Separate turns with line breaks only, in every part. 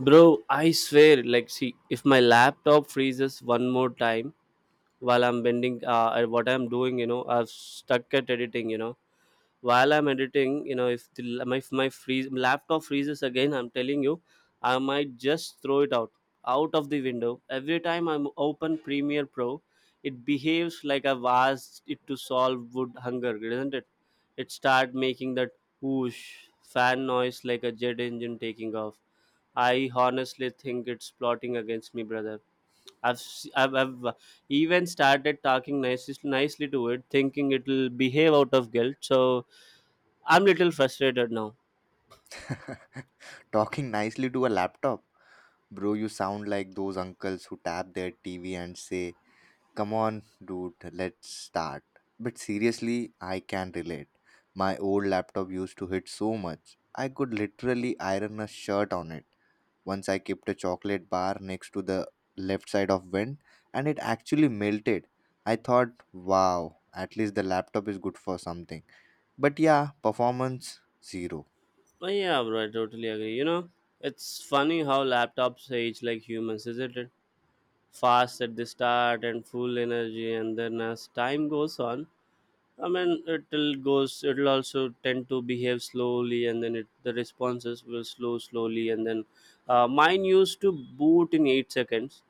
Bro, I swear, like, see, if my laptop freezes one more time while I'm bending, what I'm doing, I'm stuck at editing. While I'm editing, if the, la- my, if my freeze, laptop freezes again, I'm telling you, I might just throw it out of the window. Every time I'm open Premiere Pro, it behaves like I've asked it to solve wood hunger, isn't it? It start making that whoosh fan noise like a jet engine taking off. I honestly think it's plotting against me, brother. I've even started talking nicely to it, thinking it'll behave out of guilt. So I'm little frustrated now.
Talking nicely to a laptop. Bro, you sound like those uncles who tap their TV and say, "Come on, dude, let's start." But seriously, I can relate. My old laptop used to hit so much, I could literally iron a shirt on it. Once I kept a chocolate bar next to the left side of vent, and it actually melted. I thought, wow, at least the laptop is good for something. But yeah, performance zero.
Oh, yeah, bro, I totally agree. You know, it's funny how laptops age like humans, isn't it? Fast at the start and full energy, and then as time goes on, I mean, it'll goes. It'll also tend to behave slowly, and then the responses will slow slowly, and then mine used to boot in 8 seconds.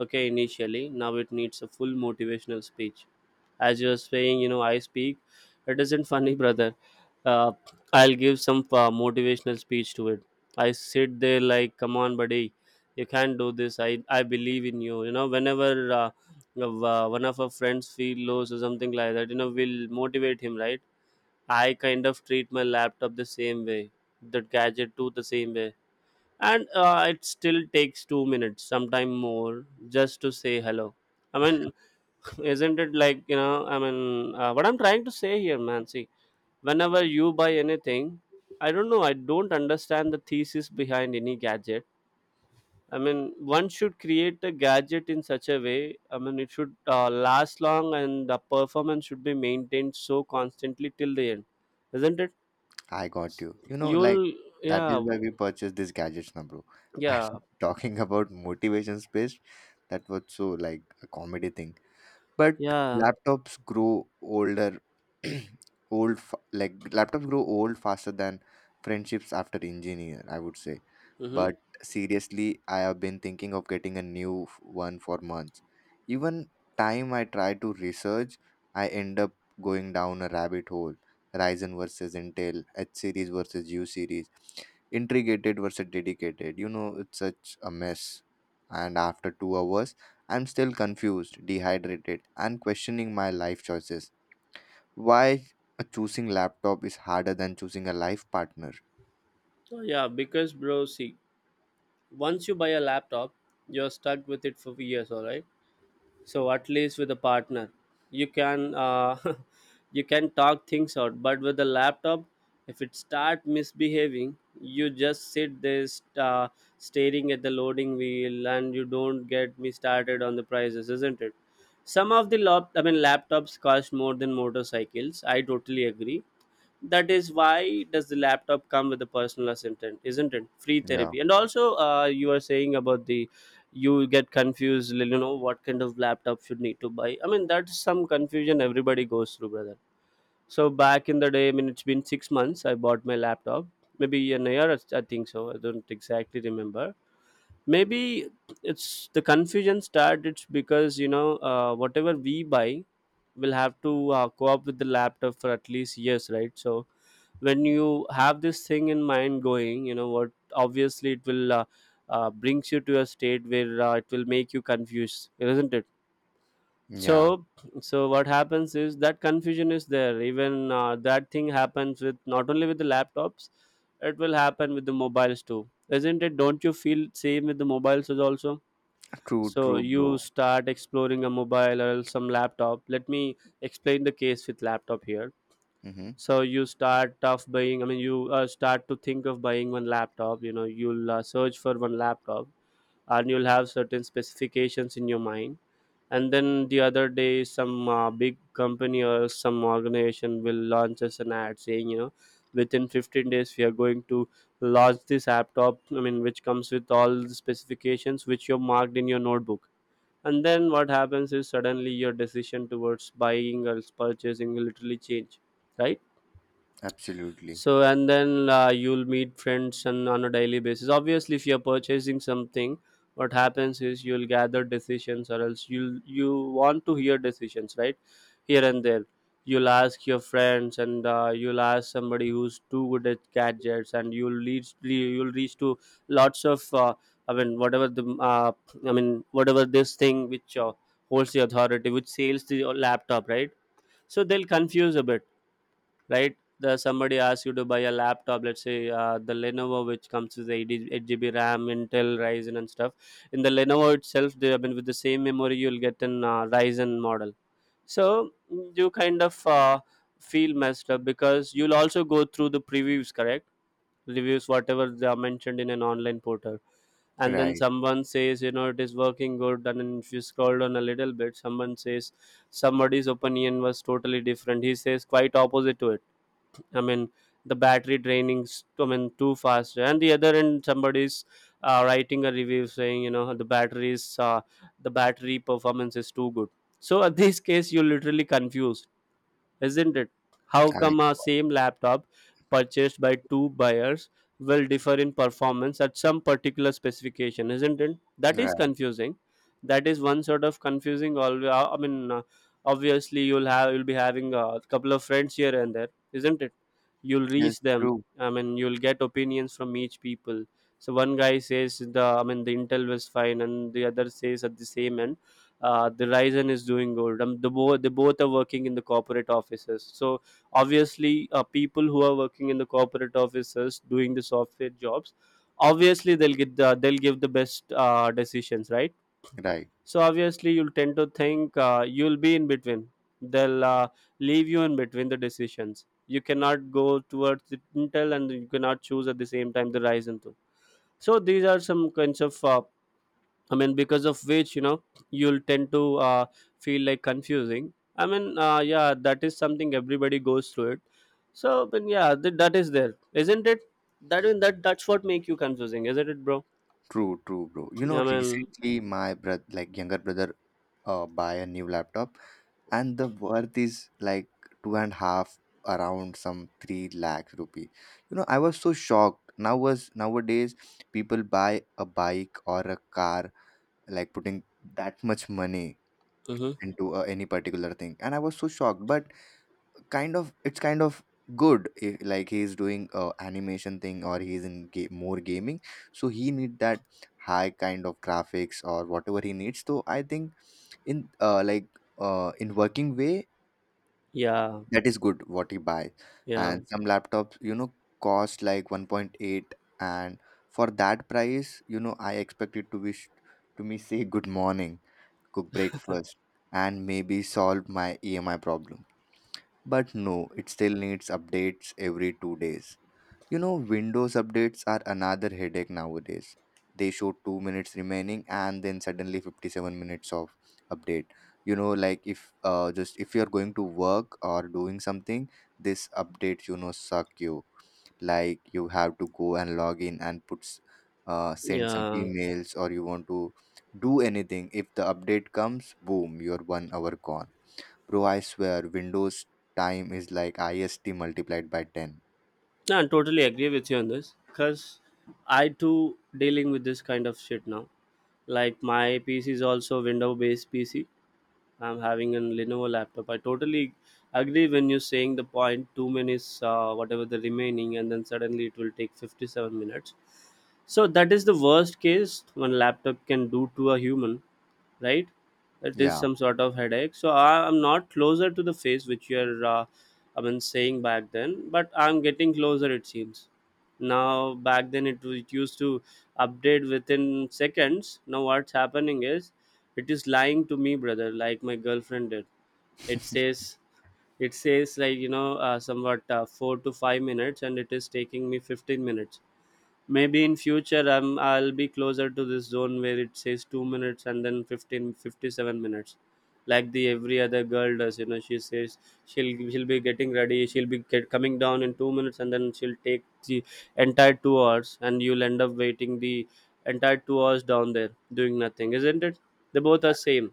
Okay, initially, now it needs a full motivational speech. As you are saying, I speak. It isn't funny, brother. Uh, I'll give some motivational speech to it. I sit there like, come on, buddy, you can do this. I believe in you. You know, whenever. Uh, one of our friends feel lows or something like that will motivate him, right? I kind of treat my laptop the same way, the gadget too, the same way. And it still takes 2 minutes sometime more just to say hello, I mean. Isn't it, like, I mean, what I'm trying to say here, man, see, whenever you buy anything, I don't know, I don't understand the thesis behind any gadget. I mean, one should create a gadget in such a way. I mean, it should last long, and the performance should be maintained so constantly till the end, isn't it?
I got you. You know, like
You'll,
that
yeah,
is why we purchased these gadgets now, bro. And
yeah,
talking about motivation space, that was so like a comedy thing, but
yeah,
laptops grow older. Like laptops grow old faster than friendships after engineer, I would say.
mm-hmm.
But seriously, I have been thinking of getting a new one for months. Even time I try to research, I end up going down a rabbit hole. Ryzen versus Intel, H series versus U series, intrigated versus dedicated. You know, it's such a mess. And after 2 hours, I'm still confused, dehydrated, and questioning my life choices. Why choosing laptop is harder than choosing a life partner.
Yeah. Because, bro, see, once you buy a laptop, you're stuck with it for years, all right? So at least with a partner you can you can talk things out, but with the laptop, if it start misbehaving, you just sit there staring at the loading wheel. And you don't get me started on the prices, isn't it? Some of the laptops cost more than motorcycles, I totally agree. That is why does the laptop come with a personal assistant, isn't it? Free
Yeah.
therapy. And also, you are saying about the, you get confused, you know what kind of laptop should need to buy. I mean, that's some confusion everybody goes through, brother. So back in the day, I mean, it's been 6 months I bought my laptop, maybe a year I think, so I don't exactly remember, maybe. It's the confusion started because you know whatever we buy will have to co up with the laptop for at least years, right? So when you have this thing in mind going, you know what, obviously it will brings you to a state where it will make you confused, isn't it? so
Yeah.
so what happens is that confusion is there, even that thing happens with not only with the laptops, it will happen with the mobiles too, isn't it? Don't you feel same with the mobiles as also?
True,
So
true,
you
bro.
start exploring a mobile or some laptop. Let me explain the case with laptop here.
Mm-hmm.
So you start of buying, I mean, you start to think of buying one laptop, you'll search for one laptop, and you'll have certain specifications in your mind. And then the other day, some big company or some organization will launch us an ad saying, within 15 days we are going to launch this laptop, I mean, which comes with all the specifications which you marked in your notebook. And then what happens is suddenly your decision towards buying or purchasing will literally change, right?
Absolutely.
So and then you'll meet friends, and on a daily basis, obviously, if you're purchasing something, what happens is you'll gather decisions, or else you want to hear decisions, right? Here and there, you'll ask your friends, and you'll ask somebody who's too good at gadgets, and you'll reach to lots of, I mean whatever this thing which holds the authority, which sales the laptop, right? So they'll confuse a bit, right? The Somebody asks you to buy a laptop, let's say the Lenovo, which comes with 80, 8 GB RAM, Intel, Ryzen, and stuff. In the Lenovo itself, with the same memory, you'll get an Ryzen model. So you kind of feel messed up, because you'll also go through the previews, correct? Reviews, whatever they are mentioned in an online portal. And then
Right.
someone says, you know, it is working good. And then if you scroll down a little bit, somebody's opinion was totally different. He says quite opposite to it, I mean the battery draining too fast, and the other end, somebody's writing a review saying the batteries the battery performance is too good. So at this case you're literally confused, isn't it? How
I,
come a same laptop purchased by two buyers will differ in performance at some particular specification, isn't it? That is
right.
confusing. That is one sort of confusing. Always, I mean, obviously you'll be having a couple of friends here and there, isn't it? You'll
Yes,
reach them.
true.
I mean, you'll get opinions from each people. So one guy says the I mean the Intel was fine, and the other says at the same end, the Ryzen is doing good. They both are working in the corporate offices. So obviously, people who are working in the corporate offices doing the software jobs, obviously they'll give the best decisions, right?
Right.
So obviously, you'll tend to think, you'll be in between. They'll leave you in between the decisions. You cannot go towards the Intel, and you cannot choose at the same time the Ryzen too. So these are some kinds of, I mean, because of which, you know, you'll tend to feel like confusing. I mean, yeah, that is something everybody goes through it. So but yeah, that is there, isn't it? That's what make you confusing, isn't it, bro?
True, true, bro. You know,
I mean,
recently my brother, like younger brother, buy a new laptop, and the worth is like two and a half, around some 3 lakhs rupee. You know, I was so shocked. Now was nowadays people buy a bike or a car, like putting that much money
hmm
into any particular thing. And I was so shocked, but it's kind of good if, like, he is doing a animation thing, or he is in more gaming, so he need that high kind of graphics or whatever he needs. So I think in like in working way,
yeah,
that is good what you buy.
yeah,
And some laptops, you know, cost like 1.8, and for that price, you know, I expect it to wish to me say good morning, cook breakfast, and maybe solve my EMI problem. But no, it still needs updates every 2 days. You know, Windows updates are another headache nowadays. They show 2 minutes remaining and then suddenly 57 minutes of update. You know, like if just if you're going to work or doing something, this updates, you know, suck you. Like you have to go and log in and put send some
yeah.
emails, or you want to do anything. If the update comes, boom, you're 1 hour gone. Bro, I swear, Windows time is like IST multiplied by 10.
No, I totally agree with you on this, cause I too dealing with this kind of shit now. Like my PC is also window based PC, I'm having a Lenovo laptop. I totally agree when you're saying the point 2 minutes, whatever the remaining, and then suddenly it will take 57 minutes. So that is the worst case one laptop can do to a human, right? It is
Yeah,
some sort of headache. So I am not closer to the face which you're, I mean, saying back then, but I'm getting closer, it seems. Now back then, it used to update within seconds. Now what's happening is, it is lying to me, brother, like my girlfriend did. It says it says like somewhat 4 to 5 minutes, and it is taking me 15 minutes. Maybe in future, I'll be closer to this zone where it says 2 minutes and then 15, 57 minutes, like the every other girl does. She says, she'll be getting ready, coming down in 2 minutes, and then she'll take the entire 2 hours, and you'll end up waiting the entire 2 hours down there doing nothing, isn't it? They both are same.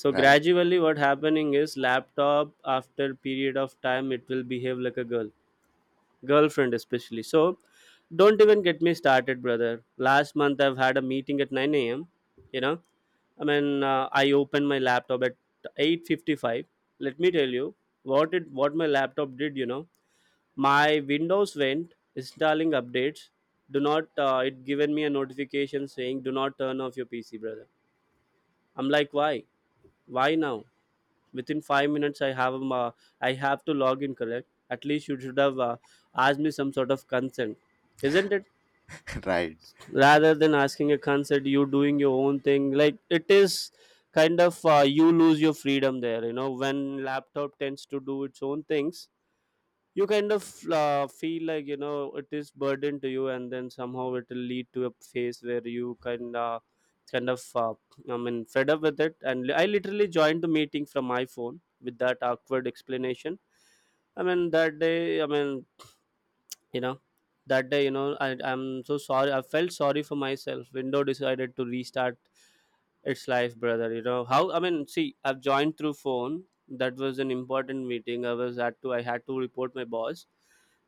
So
right.
gradually, what happening is, laptop after period of time, it will behave like a girl, girlfriend especially. So don't even get me started, brother. Last month I've had a meeting at 9 a.m., you know. I mean, I opened my laptop at 8:55. Let me tell you what my laptop did, you know. My windows went installing updates. Do not It given me a notification saying, do not turn off your PC, brother. I'm like, why, now? Within 5 minutes I have, I have to log in, correct? At least you should have asked me some sort of consent, isn't it?
Right.
Rather than asking a consent, you doing your own thing. Like it is kind of, you lose your freedom there, you know, when laptop tends to do its own things. You kind of feel like it is burden to you. And then somehow it will lead to a phase where you kind of kind of uh, I mean fed up with it and I literally joined the meeting from my phone with that awkward explanation. I mean that day I mean you know that day you know I, I'm so sorry, I felt sorry for myself. Window decided to restart its life, brother. You know how, see, I've joined through phone. That was an important meeting, I was at to, I had to report my boss.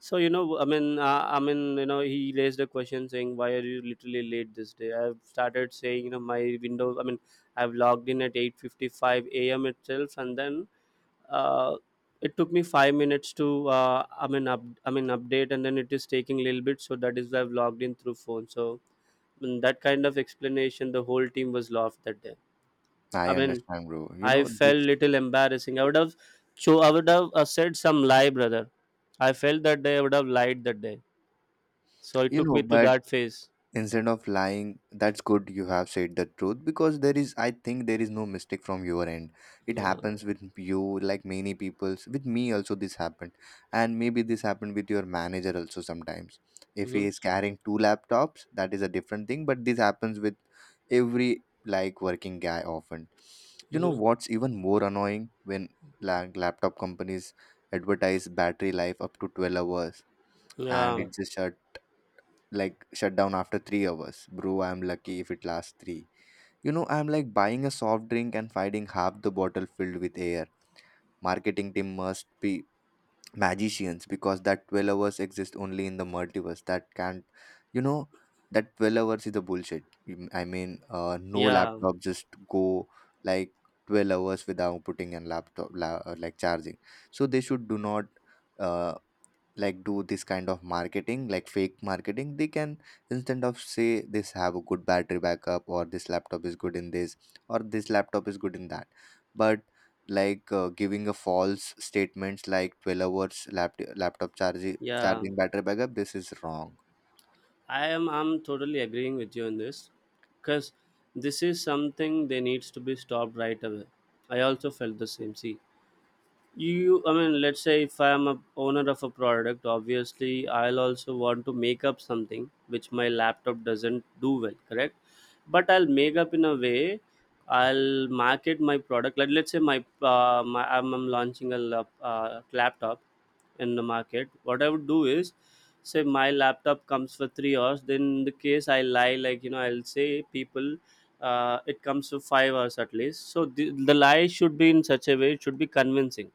So you know I mean you know he raised a question saying, "Why are you literally late this day?" I've started saying, you know, my window, I've logged in at 8:55 a.m. itself, and then uh, it took me 5 minutes to I mean up I mean update, and then it is taking a little bit. So that is why I've logged in through phone. So in that kind of explanation, the whole team was laughed that day.
I
I mean,
understand, bro. You
I
know,
felt
this,
little embarrassing. So I would have said some lie, brother. I felt that day I would have lied that day. So it took me to
but
that phase.
instead of lying, that's good you have said the truth, because there is, I think, there is no mistake from your end. It
Yeah.
happens with you, like, many people's. With me also this happened, and maybe this happened with your manager also sometimes. If he
Mm-hmm.
is carrying two laptops, that is a different thing. But this happens with every, like, working guy often. You know
Mm-hmm.
what's even more annoying? When like laptop companies advertise battery life up to 12 hours, and
Yeah.
it's just a, like, shut down after 3 hours. Bro, I'm lucky if it lasts three. You know, I'm like buying a soft drink and finding half the bottle filled with air. Marketing team must be magicians, because that 12 hours exist only in the multiverse. That can't, you know, that 12 hours is a bullshit. Mm, I mean, no
Yeah.
laptop just go like 12 hours without putting in laptop like charging. So they should do not, uh like do this kind of marketing, like fake marketing, they can, instead of say this have a good battery backup, or this laptop is good in this, or this laptop is good in that. But like giving a false statements like 12 hours laptop charging
Yeah,
battery backup, this is wrong.
I'm totally agreeing with you on this, because this is something that needs to be stopped right away. I also felt the same. See, you I mean let's say if I am a owner of a product, obviously I'll also want to make up something which my laptop doesn't do well, correct? But I'll make up in a way, I'll market my product. Like let's say I'm launching a laptop in the market. What I would do is say my laptop comes for 3 hours, then in the case I lie like, you know, I'll say people, it comes for 5 hours at least. So the lie should be in such a way, it should be convincing.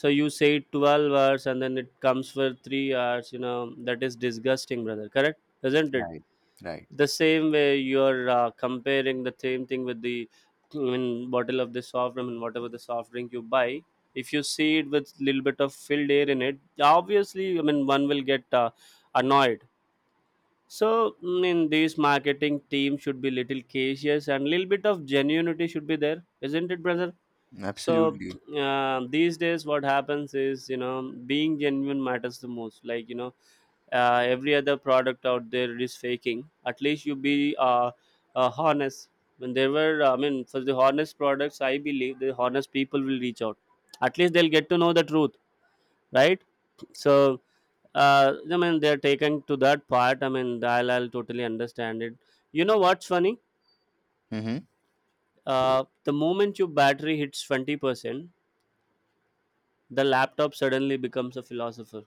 So you say 12 hours and then it comes for 3 hours, you know, that is disgusting, brother, correct? Isn't it?
Right. Right.
The same way you're comparing the same thing with the, bottle of the soft drink, and whatever the soft drink you buy, if you see it with little bit of filled air in it, obviously, I mean, one will get annoyed. So in this, marketing team should be little cautious and little bit of genuinity should be there, isn't it, brother? So
Absolutely.
these days what happens is, you know, being genuine matters the most. Like you know, every other product out there is faking. At least you be honest. When there were, I mean, for the honest products, I believe the honest people will reach out, at least they'll get to know the truth, right? So they're taken to that part, I mean, I'll totally understand it. You know what's funny?
Mm-hmm.
The moment your battery hits 20%, the laptop suddenly becomes a philosopher,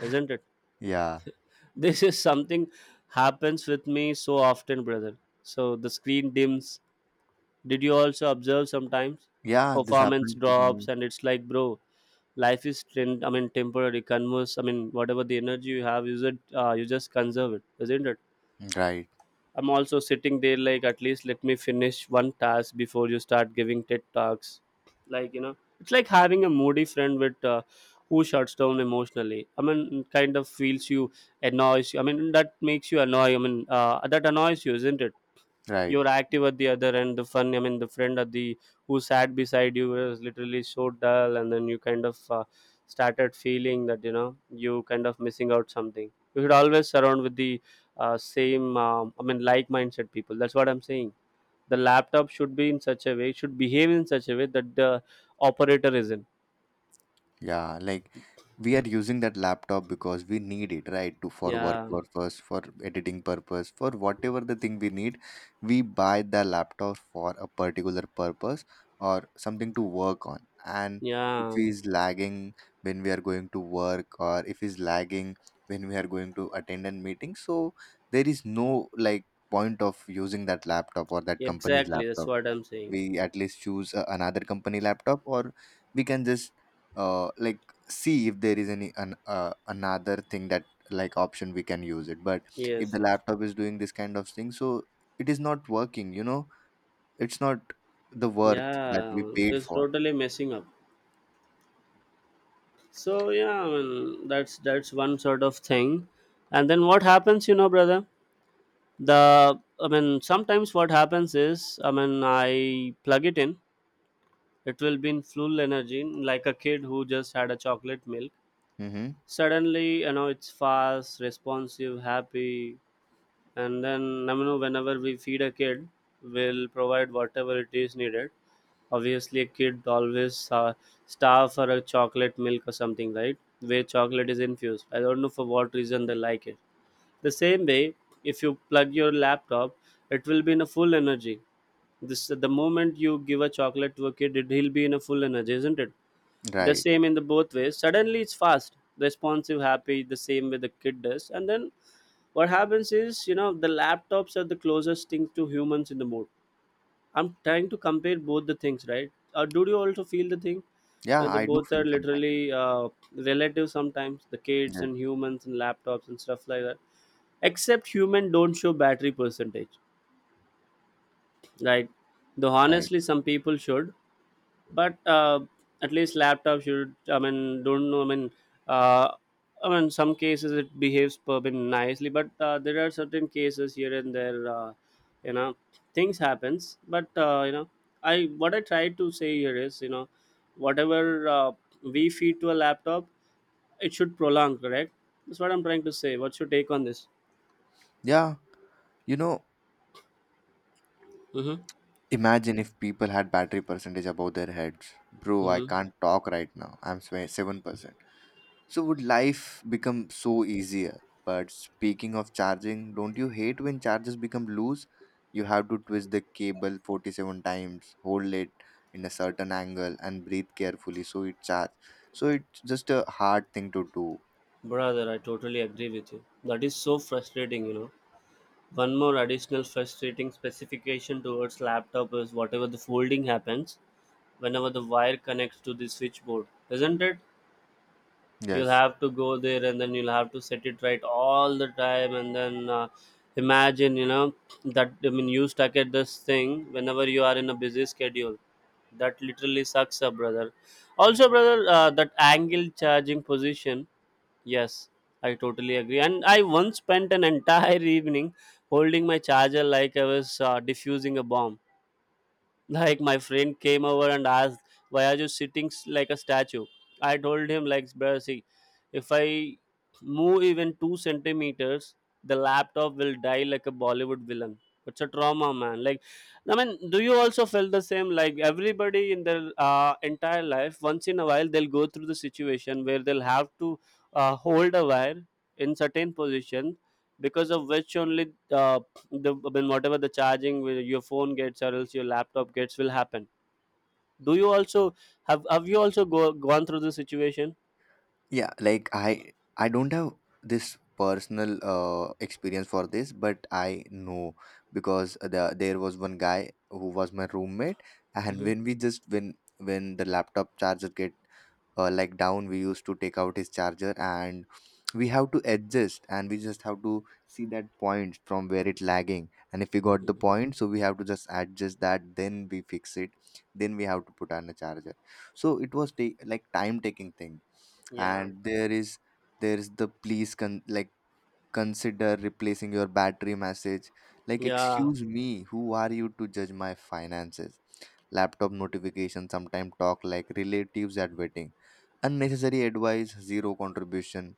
isn't it?
Yeah.
This is something, happens with me so often, brother. So the screen dims, did you also observe sometimes
Yeah, this
performance
happened with me.
drops? And it's like, bro, life is trend, temporary converse, I mean, whatever the energy you have, use it, you just conserve it, isn't it?
Right.
I'm also sitting there like, at least let me finish one task before you start giving TED talks. Like you know, it's like having a moody friend with, who shuts down emotionally. I mean, kind of feels you, annoys you. I mean, that makes you annoy. That annoys you, isn't it?
Right.
You're active at the other end, the fun I mean the friend at the, who sat beside you, was literally so dull, and then you kind of started feeling that, you know, you kind of missing out something. You should always surround with the same like minded people. That's what I'm saying. The laptop should be in such a way, should behave in such a way that the operator is in,
Yeah, like we are using that laptop because we need it, right? To for work
yeah,
purpose, for editing purpose, for whatever the thing we need, we buy the laptop for a particular purpose or something to work on. And if
yeah,
he's lagging when we are going to work, or if he's lagging when we are going to attend a meeting, so there is no, like, point of using that laptop or that company's
exactly. That's
laptop.
what I'm saying.
We at least choose another company laptop, or we can just like see if there is any another thing that, like, option we can use it. But if the
Yes, yes.
laptop is doing this kind of thing, so it is not working, you know. It's not the worth that
Yeah,
we paid
it's
for.
totally messing up. So yeah, I mean, that's one sort of thing. And then what happens, you know, brother? Sometimes what happens is, I mean, I plug it in, it will be in full energy, like a kid who just had a chocolate milk.
Mm-hmm.
Suddenly, you know, it's fast, responsive, happy. And then, I mean, whenever we feed a kid, we'll provide whatever it is needed. Obviously a kid always starve for a chocolate milk or something, right? Where chocolate is infused, I don't know for what reason they like it. The same way, if you plug your laptop, it will be in a full energy. This, the moment you give a chocolate to a kid, he'll be in a full energy, isn't it? The
Right.
same in the both ways, suddenly it's fast, responsive, happy, the same way the kid does. And then what happens is, you know, the laptops are the closest thing to humans in the mood. I'm trying to compare both the things, right? Do you also feel the thing?
Yeah,
The
I do
both
feel
are
sometimes.
literally relative sometimes. The kids
Yes,
and humans and laptops and stuff like that. Except human don't show battery percentage, right? Though
right.
honestly, some people should. But at least laptop should, I mean, don't know, I mean, uh, some cases it behaves been nicely, but there are certain cases here and there. You know, things happens, but you know, I what I try to say here is, you know, whatever we feed to a laptop, it should prolong, correct? That's what I'm trying to say, what's your take on this?
Yeah. You know,
Mm-hmm.
imagine if people had battery percentage above their heads. Bro, I
Mm-hmm.
can't talk right now, I'm 7%. So would life become so easier? But speaking of charging, don't you hate when chargers become loose? You have to twist the cable 47 times, hold it in a certain angle, and breathe carefully so it charge. So it's just a hard thing to do.
Brother, I totally agree with you, that is so frustrating, you know. One more additional frustrating specification towards laptop is whatever the folding happens whenever the wire connects to the switchboard, isn't it? You'll
Yes.
have to go there and then you'll have to set it right all the time, and then imagine, you know, that I mean you stuck at this thing whenever you are in a busy schedule. That literally sucks up, brother. Also, brother, that angle charging position, yes, I totally agree. And I once spent an entire evening holding my charger like I was diffusing a bomb. Like my friend came over and asked, "Why are you sitting like a statue?" I told him like, "Bro, see, if I move even two centimeters, the laptop will die like a bollywood villain." It's a trauma, man. Like, do you also feel the same? Like everybody in their entire life, once in a while, they'll go through the situation where they'll have to hold a wire in certain position, because of which only the, I mean, whatever the your phone gets or else your laptop gets, will happen. Do you also have you also gone through this situation?
Yeah, like I don't have this personal experience for this, but I know, because there was one guy who was my roommate, and
Mm-hmm.
when we just, when the laptop charger get like down, we used to take out his charger, and we have to adjust, and we just have to see that point from where it lagging. And if we got the point, so we have to just adjust that, then we fix it, then we have to put on a charger. So it was take, like, time taking thing.
Yeah,
And there is, the please, like, consider replacing your battery message. Like,
yeah.
excuse me, who are you to judge my finances? Laptop notifications sometimes talk like relatives at wedding. Unnecessary advice, zero contribution,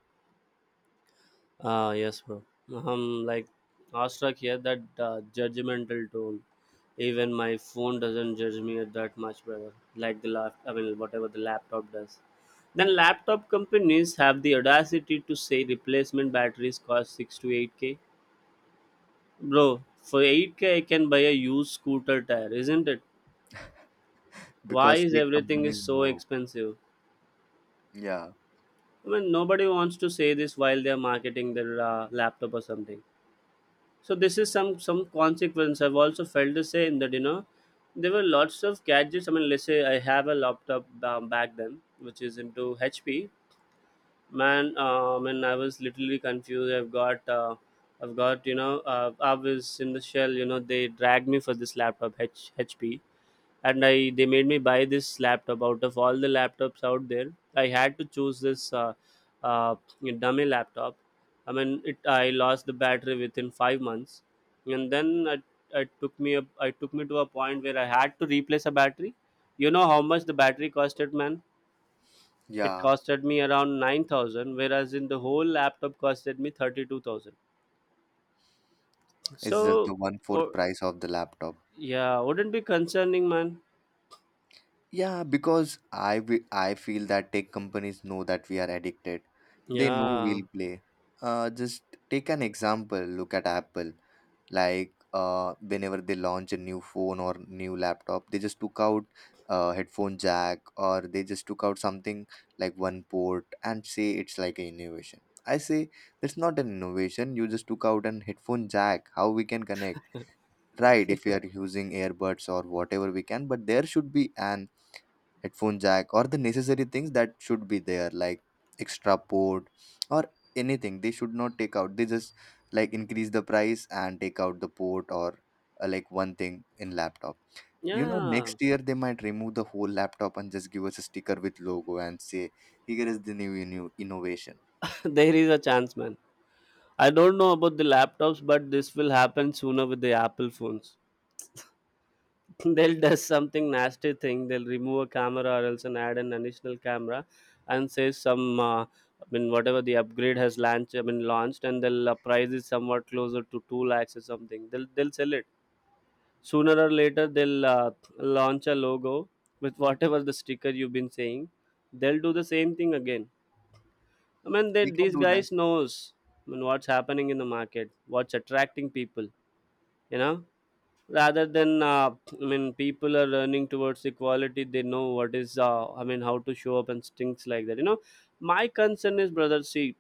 Ah yes, bro. I'm like awestruck here that judgmental tone. Even my phone doesn't judge me that much, brother. Like the lap, I mean, whatever the laptop does. Then laptop companies have the audacity to say replacement batteries cost six to eight k. Bro, for 8k I can buy a used scooter tire, isn't it? Why
because
is
tech
everything is
companies
so
know.
expensive?
Yeah,
I mean, nobody wants to say this while they are marketing their laptop or something. So this is some consequence. I've also felt the same that, you know, there were lots of gadgets. I mean, let's say I have a laptop back then, which is into HP. Man, I was literally confused. I've got, you know, I was in the shell, you know, they dragged me for this laptop, HP, and I they made me buy this laptop. Out of all the laptops out there, I had to choose this uh, dummy laptop. I mean, it I lost the battery within 5 months, and I took me up. I took me to a point where I had to replace a battery. You know how much the battery costed, man? It
yeah.
costed me around 9,000, whereas in the whole laptop costed me 32,000.
It's just the
So,
one fourth
oh,
price of the laptop.
yeah, wouldn't be concerning, man.
Yeah, because I feel that tech companies know that we are addicted. They know
Yeah,
we'll play. Just take an example. Look at Apple. Like whenever they launch a new phone or new laptop, they just took out headphone jack, or they just took out something like one port and say it's like an innovation. I say that's not an innovation. You just took out an headphone jack. How we can connect? Right, if we are using earbuds or whatever we can, but there should be an headphone jack, or the necessary things that should be there, like extra port or anything. They should not take out. They just, like, increase the price and take out the port, or like one thing in laptop. You know,
yeah.
next year they might remove the whole laptop and just give us a sticker with logo and say, here is the new, new innovation.
There is a chance, man. I don't know about the laptops, but this will happen sooner with the Apple phones. They'll do something nasty thing. They'll remove a camera or else and add an additional camera, and say some. I mean, whatever the upgrade has launched, and they'll price it somewhat closer to 2 lakhs or something. They'll sell it sooner or later. They'll launch a logo with whatever the sticker you've been saying. They'll do the same thing again. I mean,
We can
these
do that.
guys knows, I mean, what's happening in the market, what's attracting people. You know, Rather than I mean, people are learning towards equality. They know what is, I mean, how to show up and things like that. My concern is, brother. See,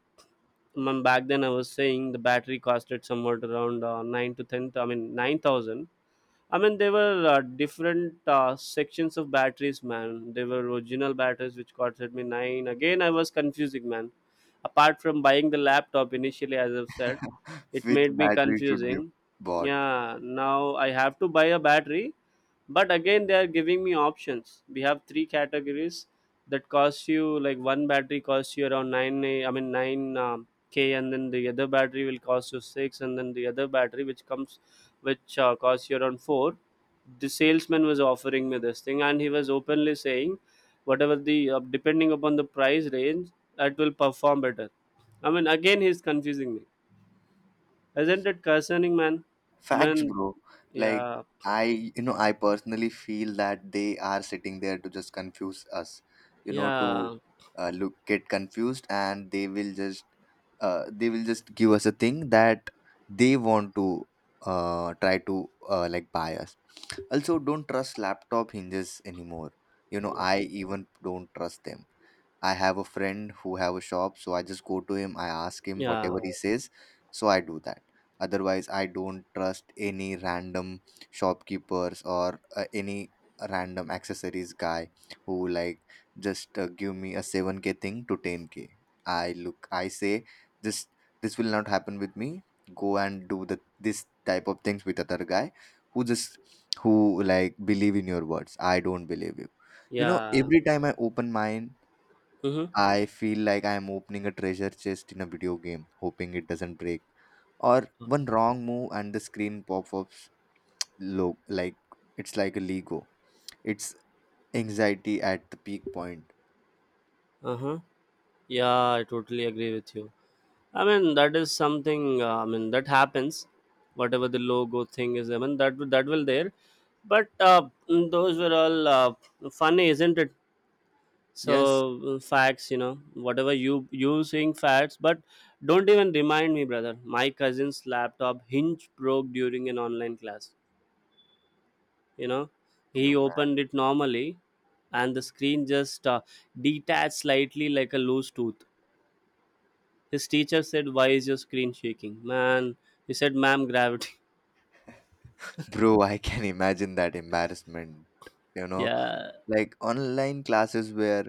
I mean, back then I was saying the battery costed somewhat around nine to ten. I mean, 9,000. I mean, there were different sections of batteries, man. There were original batteries which costed me nine. Again, I was confusing, man. Apart from buying the laptop initially, as I've said, it
Which
made me
battery should be
confusing.
bought?
Yeah, now I have to buy a battery, but again, they are giving me options. We have three categories that cost you, like, one battery costs you around nine. I mean, nine k, and then the other battery will cost you six, and then the other battery which comes, which costs you around four. The salesman was offering me this thing, and he was openly saying, whatever the depending upon the price range, that will perform better. I mean, again, he's confusing me. Isn't it concerning, man?
Facts,
Man,
bro. Like
yeah,
I personally feel that they are sitting there to just confuse us. You know, to
yeah,
look get confused, and they will just give us a thing that they want to try to like buy us. Also, don't trust laptop hinges anymore. You know,
yeah,
I even don't trust them. I have a friend who have a shop, so I just go to him, I ask him
yeah,
whatever he says, so I do that. Otherwise, I don't trust any random shopkeepers or any random accessories guy who like just give me a 7K thing to 10K. I look, I say this this will not happen with me. Go and do the this type of things with other guy, who just who, like, believe in your words. I don't believe you. You know,
yeah.
every time I open mine,
Mm-hmm.
I feel like I am opening a treasure chest in a video game, hoping it doesn't break. Or one wrong move and the screen pops up low, like it's like a Lego. It's anxiety at the peak point.
Uh-huh. Yeah, I totally agree with you. I mean, that is something, I mean, that happens. Whatever the logo thing is, I mean, that will there. But those were all funny, isn't it? so
Yes,
uh, facts. Whatever you saying facts, but don't even remind me, brother. My cousin's laptop hinge broke during an online class you know
you
he
man.
opened it normally, and the screen just detached slightly, like a loose tooth. His teacher said, "Why is your screen shaking, man?" He said, "Ma'am, gravity."
Bro, I can imagine that embarrassment. You know,
Yeah.
like online classes where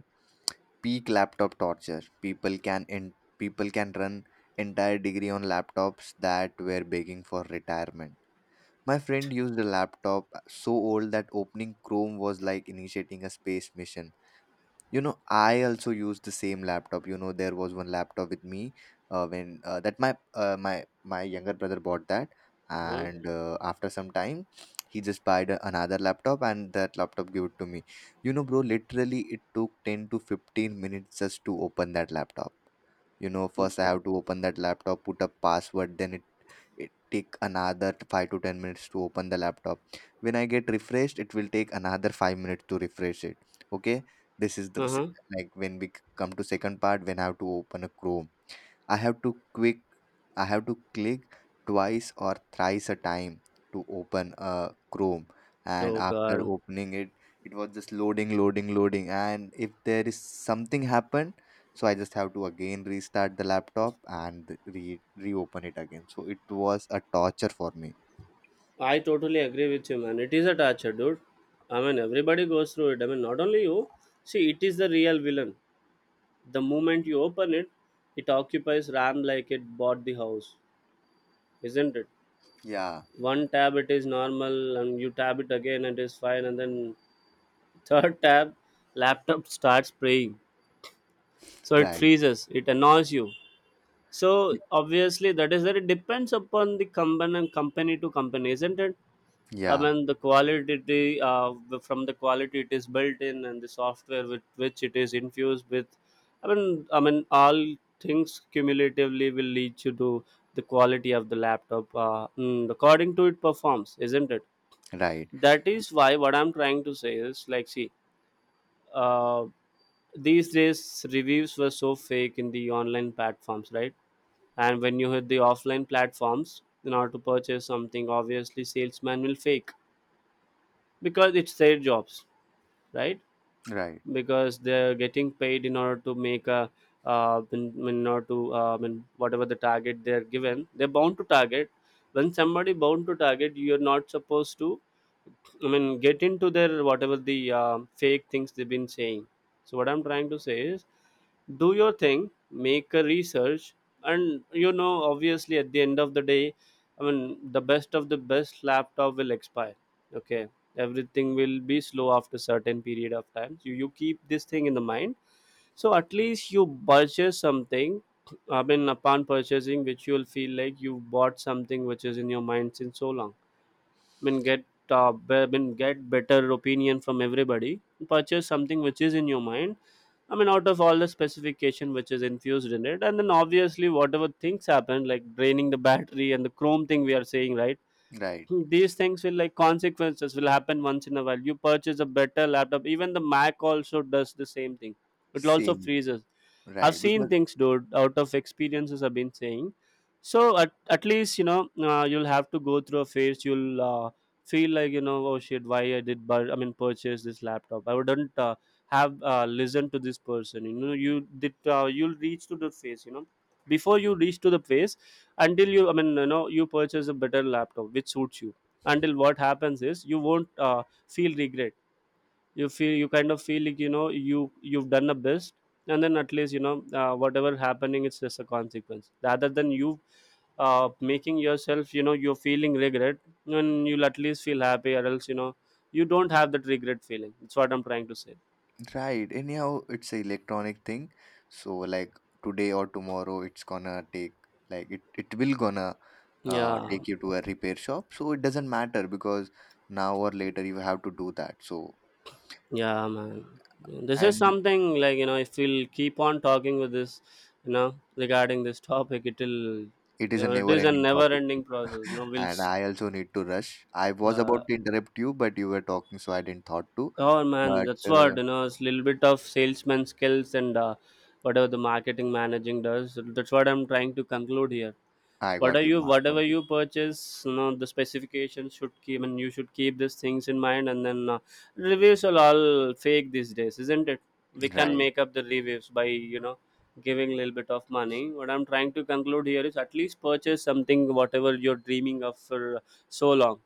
peak laptop torture. People can run entire degree on laptops that were begging for retirement. My friend used a laptop so old that opening Chrome was like initiating a space mission. You know, I also use the same laptop. You know, there was one laptop with me, when that my younger brother bought that.
uh
And after some time he just bought another laptop, and that laptop gave it to me. You know, bro, literally it took 10 to 15 minutes just to open that laptop. You know, first I have to open that laptop, put a password, then it take another 5 to 10 minutes to open the laptop. When I get refreshed, it will take another 5 minutes to refresh it. Okay, this is the
uh-huh.
like, when we come to second part. When I have to open a chrome, i have to quick I have to click twice or thrice a time to open a chrome. And
Oh
after
god.
opening it, it was just loading loading loading. And if there is something happened, so I just have to again restart the laptop and re reopen it again. So it was a torture for me.
I totally agree with you, man. It is a torture, dude. I mean, everybody goes through it. I mean, not only you. See, it is the real villain. The moment you open it, it occupies RAM like it bought the house, isn't it?
Yeah,
One tab, it is normal, and you tab it again, and it is fine. And then, third tab, laptop starts praying. So it
right.
freezes. It annoys you. So
Y-
obviously, that is that it depends upon the company to company, isn't it? I
yeah.
mean, the quality, from the quality it is built in, and the software with which it is infused with. I mean, all things cumulatively will lead you to the quality of the laptop. According to it performs, isn't it?
Right.
That is why what I'm trying to say is, like, see, uh, these days reviews were so fake in the online platforms, right? And when you hit the offline platforms in order to purchase something, obviously salesman will fake, because it's their jobs, right?
Right.
Because they're getting paid in order to make a in order to in whatever the target they're given, they're bound to target. When somebody bound to target, you're not supposed to, I mean, get into their, whatever the fake things they've been saying. So what I'm trying to say is, do your thing, make a research, and obviously, at the end of the day, I mean, the best of the best laptop will expire. Okay, everything will be slow after certain period of time. So you keep this thing in the mind. So at least you purchase something. I mean, upon purchasing, which you will feel like you bought something which is in your mind since so long. mean get mean get better opinion from everybody. Purchase something which is in your mind. I mean, out of all the specification which is infused in it, and then obviously whatever things happen, like draining the battery and the chrome thing we are saying, right?
Right.
These things will, like, consequences will happen once in a while. You purchase a better laptop, even the Mac also does the same thing. It also
Same.
freezes. I've
Right,
seen
because
things, dude, out of experiences I've been saying. So at least, you'll have to go through a phase. You'll feel like, oh shit, why I did, but I mean, purchase this laptop. I wouldn't have listened to this person. You did, you'll reach to the phase, before you reach to the phase, until you, I mean, you purchase a better laptop which suits you. Until what happens is, you won't feel regret. You kind of feel like, you know you you've done the best, and then at least, whatever happening, it's just a consequence rather than you making yourself, you're feeling regret. And you'll at least feel happy, or else, you don't have that regret feeling. That's what I'm trying to say.
right. Anyhow, it's a electronic thing. So, like, today or tomorrow, it's gonna take, like, it will gonna,
Yeah.
yeah, take you to a repair shop. So it doesn't matter, because now or later you have to do that. So,
Yeah, man, this is
and
something like, if we'll keep on talking with this, you know regarding this topic, it'll,
it is a
it
never
is a
ending
never
topic.
ending process.
And I also need to rush. I was
Uh,
about to interrupt you, but you were talking, so I didn't thought to.
Oh man,
But
that's what you know. It's a little bit of salesman skills and whatever the marketing managing does. That's what I'm trying to conclude here.
I got you. I got
Whatever
you.
you purchase, the specifications should keep, and you should keep these things in mind, and then reviews are all fake these days, isn't it? We can
Right.
make up the reviews by you know giving a little bit of money. What I'm trying to conclude here is, at least purchase something whatever you're dreaming of for so long.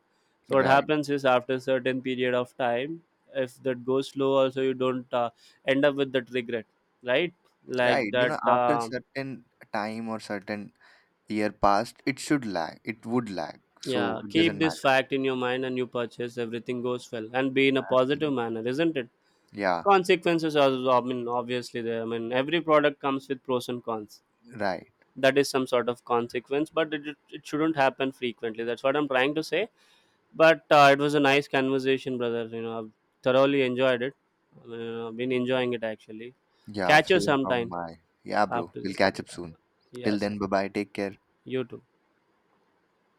So what
Right.
happens is, after a certain period of time, if that goes slow also, you don't end up with that regret, right? like
Right. You
that
know, after certain time or certain year passed, it should lag. It would lag. So
Yeah,
it
keep
doesn't
this
matter.
fact in your mind and you purchase, everything goes well and be in a positive
Absolutely.
manner, isn't it?
Yeah,
Consequences are, I mean, obviously there. I mean, every product comes with pros and cons.
right.
That is some sort of consequence, but it shouldn't happen frequently. That's what I'm trying to say. But it was a nice conversation, brother. I've thoroughly enjoyed it. I mean, been enjoying it actually.
Yeah,
Catch you
same from
sometime
my. Yeah, bro.
after
We'll
the.
catch up
uh,
soon. Till
Yes,
then, bye bye. Take care.
you too.